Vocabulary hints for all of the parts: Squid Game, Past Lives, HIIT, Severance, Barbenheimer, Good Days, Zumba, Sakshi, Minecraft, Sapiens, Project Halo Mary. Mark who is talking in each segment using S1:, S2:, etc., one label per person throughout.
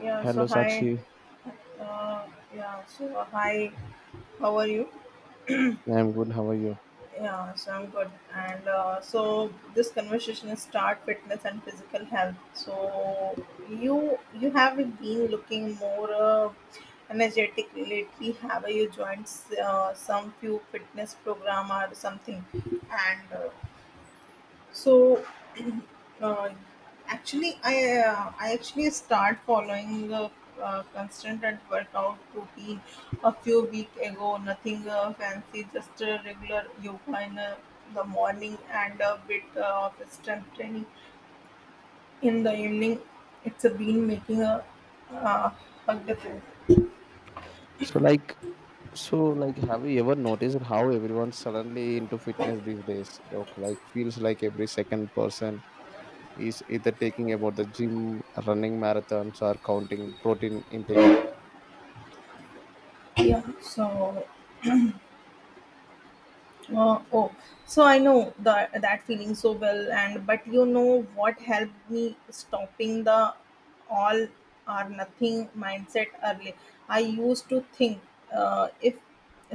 S1: Yeah, so
S2: Hello,
S1: hi.
S2: Sakshi.
S1: Uh, hi. How are you?
S2: Yeah, I'm good. How are you?
S1: Yeah, so I'm good. And so this conversation is start fitness and physical health. So you have been looking more energetic lately. Have you joined some few fitness program or something? And so Uh, Actually, I actually start following the constant and workout routine a few week ago. Nothing fancy, just a regular yoga in the morning and a bit of strength training in the evening. It's a been making uh, a difference.
S2: So, like, have you ever noticed how everyone's suddenly into fitness these days? Look, like, feels like every second person is either taking about the gym, running marathons, or counting protein intake.
S1: Yeah, so Uh, oh, so I know that feeling so well, and but you know what helped me stopping the all or nothing mindset early. I used to think if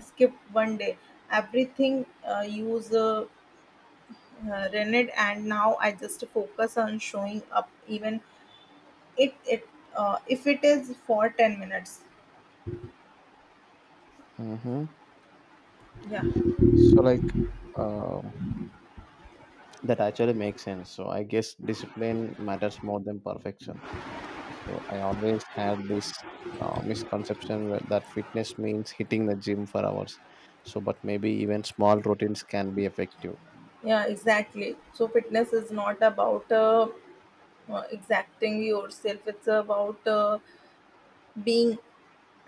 S1: skip one day, everything use rented, and now I just focus on showing up, even it it if it is for 10 minutes.
S2: Mm-hmm.
S1: Yeah,
S2: So, like, um that actually makes sense. So, I guess discipline matters more than perfection. So I always had this misconception where that fitness means hitting the gym for hours. So, but maybe even small routines can be effective.
S1: yeah, exactly. So fitness is not about exacting yourself. It's about being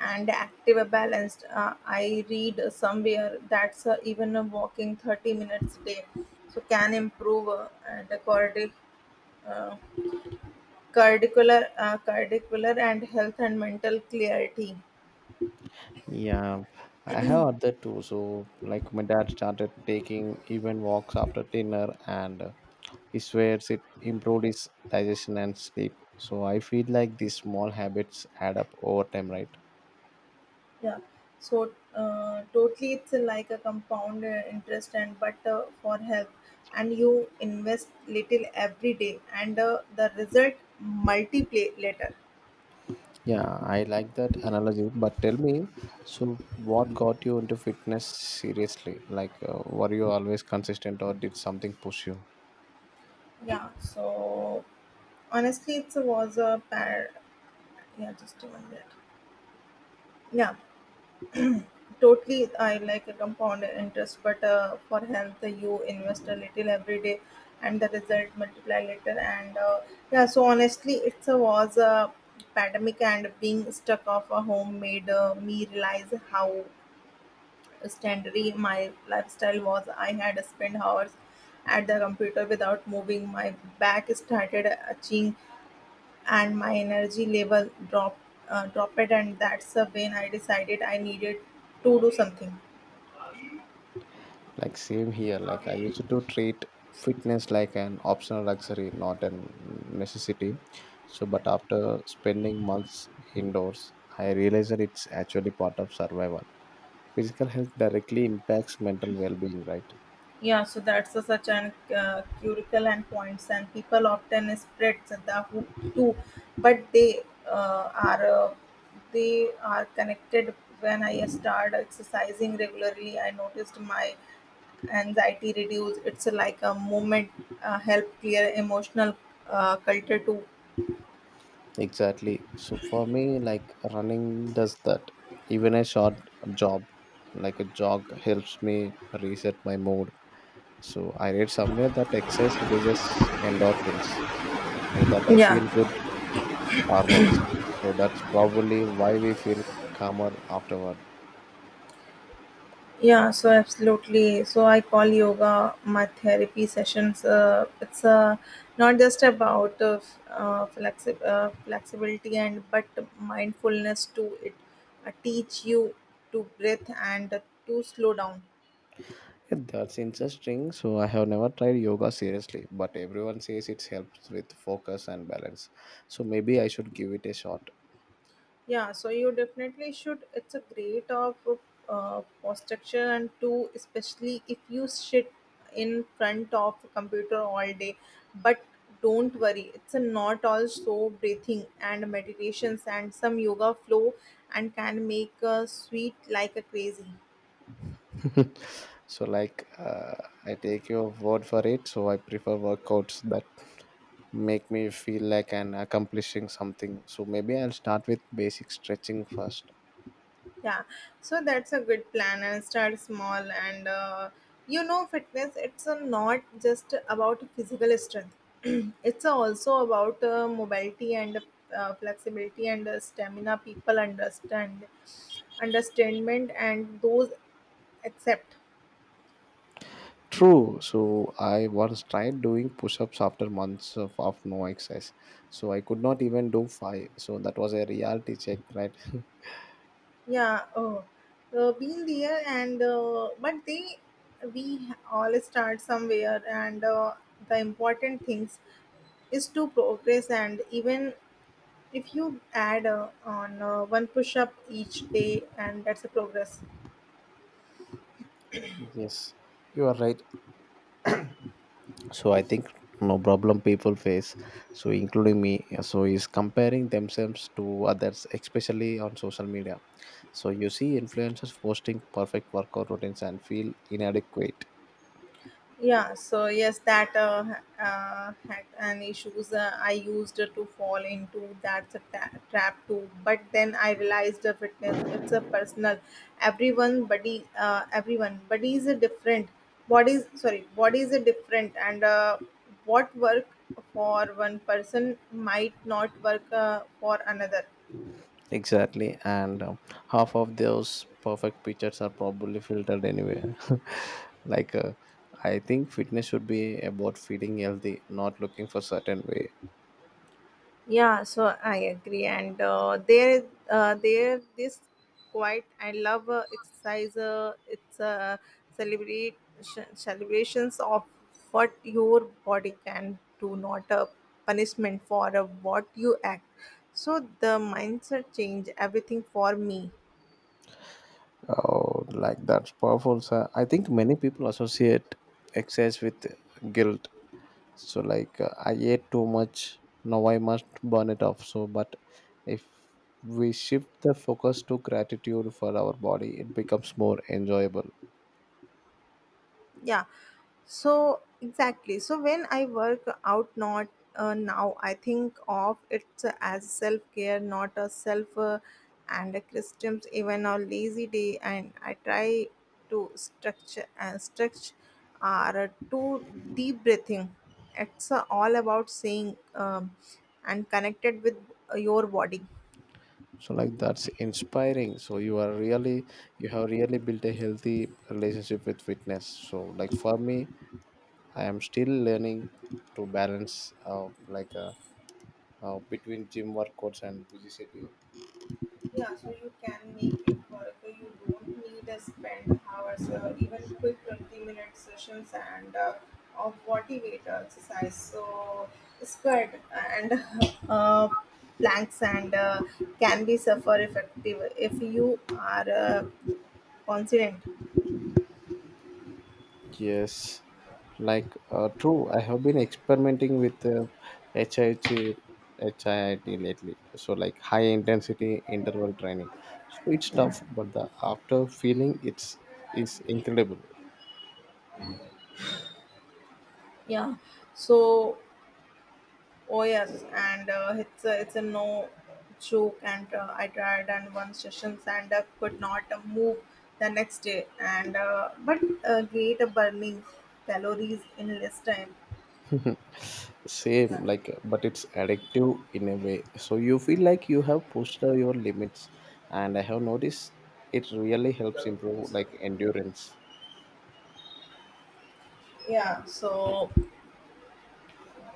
S1: and active, balanced. I read somewhere that's even walking 30 minutes a day, so can improve and the uh, cardicular and health and mental clarity.
S2: Yeah, I have other too. So, like my dad started taking even walks after dinner, and he swears it improved his digestion and sleep. So I feel like these small habits add up over time, right?
S1: Yeah. So totally, it's like a compound interest and but for health, and you invest little every day, and the result multiply later.
S2: Yeah, I like that analogy. But tell me, so what got you into fitness seriously? Like, were you always consistent or did something push you?
S1: Yeah, so honestly, it was a par. Yeah, just a minute. Yeah, totally. I like a compound interest, but for health, you invest a little every day, and the result multiply later. And Yeah, so honestly, it was a pandemic, and being stuck off a home made me realize how standardy my lifestyle was. I had spent hours at the computer without moving. My back started itching and my energy level dropped, and that's the when I decided I needed to do something.
S2: Like, same here. Like, I used to treat fitness like an optional luxury, not a necessity. So, but after spending months indoors, I realized that it's actually part of survival. Physical health directly impacts mental well being, right?
S1: Yeah, so that's a, such an curical and points and people often spread the hoop too but uh, are uh, they are connected. When I started exercising regularly I noticed my anxiety reduced. It's like a moment help clear emotional culture too.
S2: Exactly. So for me, like running does that. Even a short job, like a jog, helps me reset my mood. So I read somewhere that exercise releases endorphins, so that I
S1: Yeah.
S2: feel good hormones. So that's probably why we feel calmer afterward.
S1: Yeah, so absolutely. So I call yoga my therapy sessions. It's not just about flexibility and but mindfulness too. It teach you to breathe and to slow down.
S2: Yeah, that's interesting. So I have never tried yoga seriously, but everyone says it helps with focus and balance. So maybe I should give it a shot.
S1: Yeah, so you definitely should. It's a great of posture and too, especially if you sit in front of a computer all day. But don't worry, it's a not all so breathing and meditations and some yoga flow and can make a sweet like a crazy.
S2: So, I take your word for it. So I prefer workouts that make me feel like I'm accomplishing something. So maybe I'll start with basic stretching first.
S1: Yeah, so that's a good plan and start small. And You know, fitness it's not just about physical strength, it's also about mobility and flexibility and stamina. People understand, understandment, and those accept.
S2: True. So I once tried doing push-ups after months of no exercise. So I could not even do five. So that was a reality check, right?
S1: Yeah, been there, and but they we all start somewhere, and the important things is to progress and even if you add on one push up each day, and that's a progress.
S2: Yes, you are right. So I think no problem people face, so including me, so is comparing themselves to others, especially on social media. So you see influencers posting perfect workout routines and feel inadequate.
S1: Yeah, so yes, that had an issues I used to fall into that's a trap too. But then I realized the fitness it's a personal. Everyone bodies are different. Bodies sorry, bodies are different, and what work for one person might not work for another.
S2: Exactly. And half of those perfect pictures are probably filtered anywhere. like uh, I think fitness should be about feeling healthy, not looking for certain way.
S1: Yeah, so I agree, and there, this quite I love exercise. It's a celebrations of what your body can do, not a punishment for what you act. So the mindset change everything for me.
S2: Oh, like that's powerful, sir. I think many people associate excess with guilt. So, I ate too much, now I must burn it off. So but if we shift the focus to gratitude for our body, it becomes more enjoyable.
S1: Yeah. So exactly. So when I work out, not now, I think of it as self care, not a self and a Christians even a lazy day, and I try to structure and stretch are too deep breathing. It's all about saying and connected with your body.
S2: So like that's inspiring. So you are really, you have really built a healthy relationship with fitness. So like for me, I am still learning to balance between gym workouts and busy schedule.
S1: Yeah, so you can make it work. You don't need to spend hours, even quick 20-minute sessions and of motivator exercise. So, squat and uh, planks and can be suffer effective if you are confident.
S2: Yes, true. I have been experimenting with uh, HIIT, HIIT lately. So like high intensity interval training. So it's tough, but the after feeling it's is incredible.
S1: Yeah, so Oh yes, and it's a no joke. And I tried and one sessions and could not move the next day. And but Great burning calories in less time.
S2: Same
S1: Yeah.
S2: like, but it's addictive in a way. So you feel like you have pushed your limits, and I have noticed it really helps improve like endurance.
S1: Yeah. So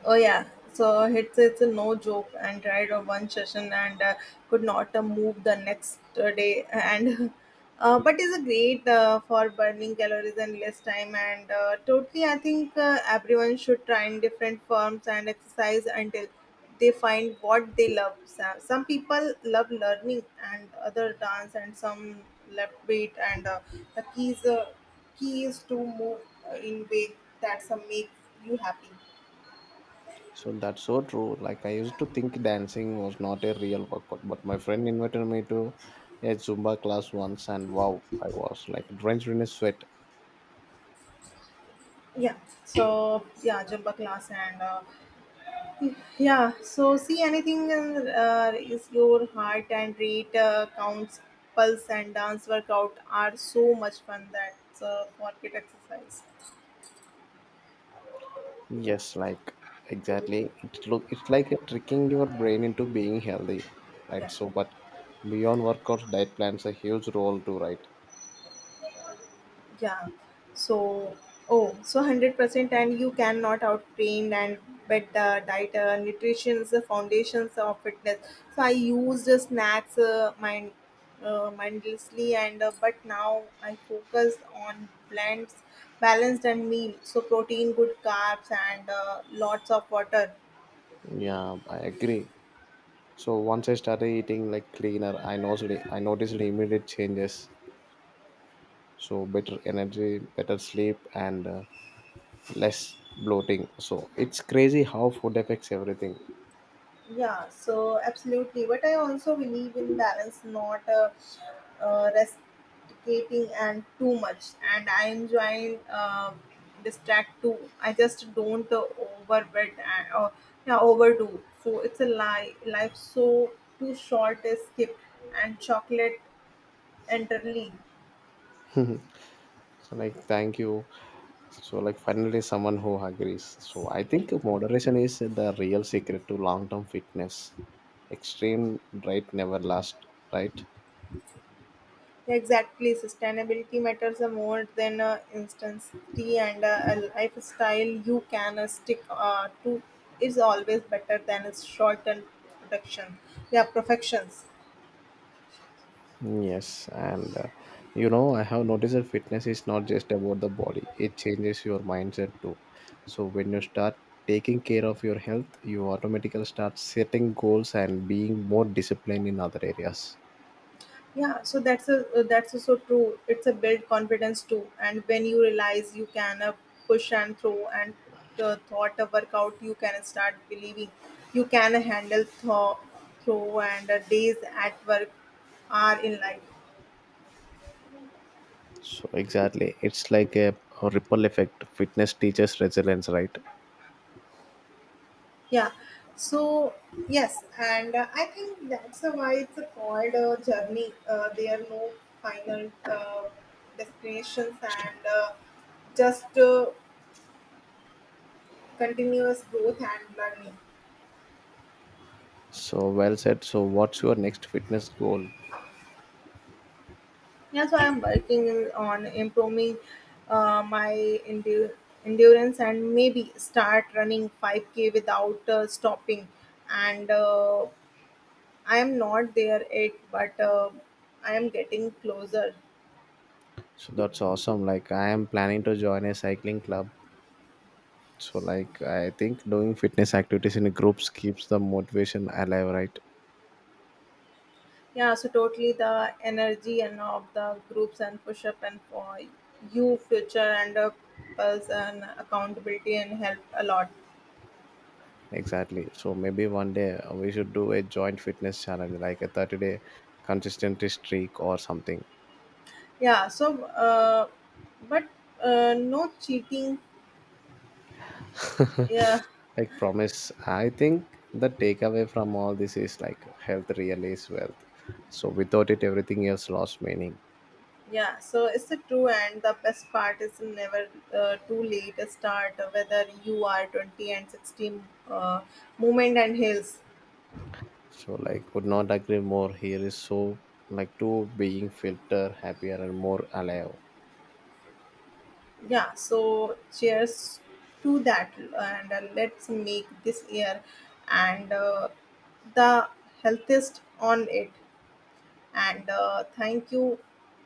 S1: yeah, it's a no joke and tried a one session and could not move the next day and but is a great for burning calories and less time and totally I think everyone should try in different forms and exercise until they find what they love. Some people love learning and other dance and some love weight and the key is to move in way that some make you happy.
S2: So that's so true. Like I used to think dancing was not a real workout, but my friend invited me to a Zumba class once, and wow, I was like drenched in a sweat.
S1: Yeah, so yeah jumba class and yeah so see anything is your heart and rate counts pulse and dance workout are so much fun that market exercise.
S2: Yes, like exactly. It look it's like a tricking your brain into being healthy, right?
S1: yeah
S2: So, but beyond workouts, diet plans a huge role too, right?
S1: yeah so oh so 100% and you cannot out train and but the diet nutrition is the foundations of fitness. So I used snacks mind mindlessly and but now I focus on blends balanced and meal so protein good carbs and lots of water.
S2: Yeah, I agree. So once I started eating like cleaner, I noticed immediate changes. So better energy, better sleep, and less bloating. So it's crazy how food affects everything.
S1: Yeah, so absolutely. But I also believe in balance, not restricting and too much. And I enjoy distract too. I just don't overbid and or yeah, overdo. So it's a lie. Life so too short is skip and chocolate entirely.
S2: So like thank you. So like finally someone who agrees. So I think moderation is the real secret to long term fitness. Extreme diet never lasts, right?
S1: Exactly, sustainability matters the more than instance tea and a lifestyle you can stick to is always better than its short-term production. Yeah, perfections.
S2: Yes, and you know, I have noticed that fitness is not just about the body, it changes your mindset too. So, when you start taking care of your health, you automatically start setting goals and being more disciplined in other areas.
S1: Yeah, so that's a that's so true. It's a build confidence too, and when you realize you can push and throw and thought a workout, you can start believing you can handle throw and days at work are in life.
S2: So exactly, it's like a ripple effect. Fitness teaches resilience, right?
S1: Yeah. So yes, and I think that's why it's called a journey. There are no final destinations, and just continuous growth and learning.
S2: So well said. So what's your next fitness goal?
S1: Yeah, so I'm working on improving my endu- endurance and maybe start running 5K without stopping. And I am not there yet, but I am getting closer.
S2: So that's awesome. Like I am planning to join a cycling club. So like I think doing fitness activities in groups keeps the motivation alive, right?
S1: Yeah, so totally the energy and of the groups and push up and for you future and pulse and accountability and help a lot.
S2: Exactly. So maybe one day we should do a joint fitness challenge, like a 30-day consistency streak or something.
S1: Yeah, so but no cheating. Yeah,
S2: Like promise, I think the takeaway from all this is like health really is wealth. So without it, everything else lost meaning.
S1: yeah, so it's the true and the best part is never too late to start. Whether you are 20 and 16, uh, movement and hills.
S2: So like could not agree more. Here is so like two being filter happier and more alive.
S1: Yeah, so cheers to that, and let's make this year and the healthiest on it. And Thank you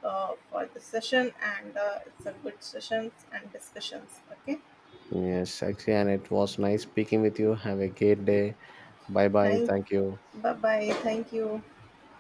S1: for the session, and it's a good sessions and discussions. Okay,
S2: Yes, actually, and it was nice speaking with you. Have a great day. Bye bye.
S1: thank,
S2: Thank you.
S1: bye bye, thank you.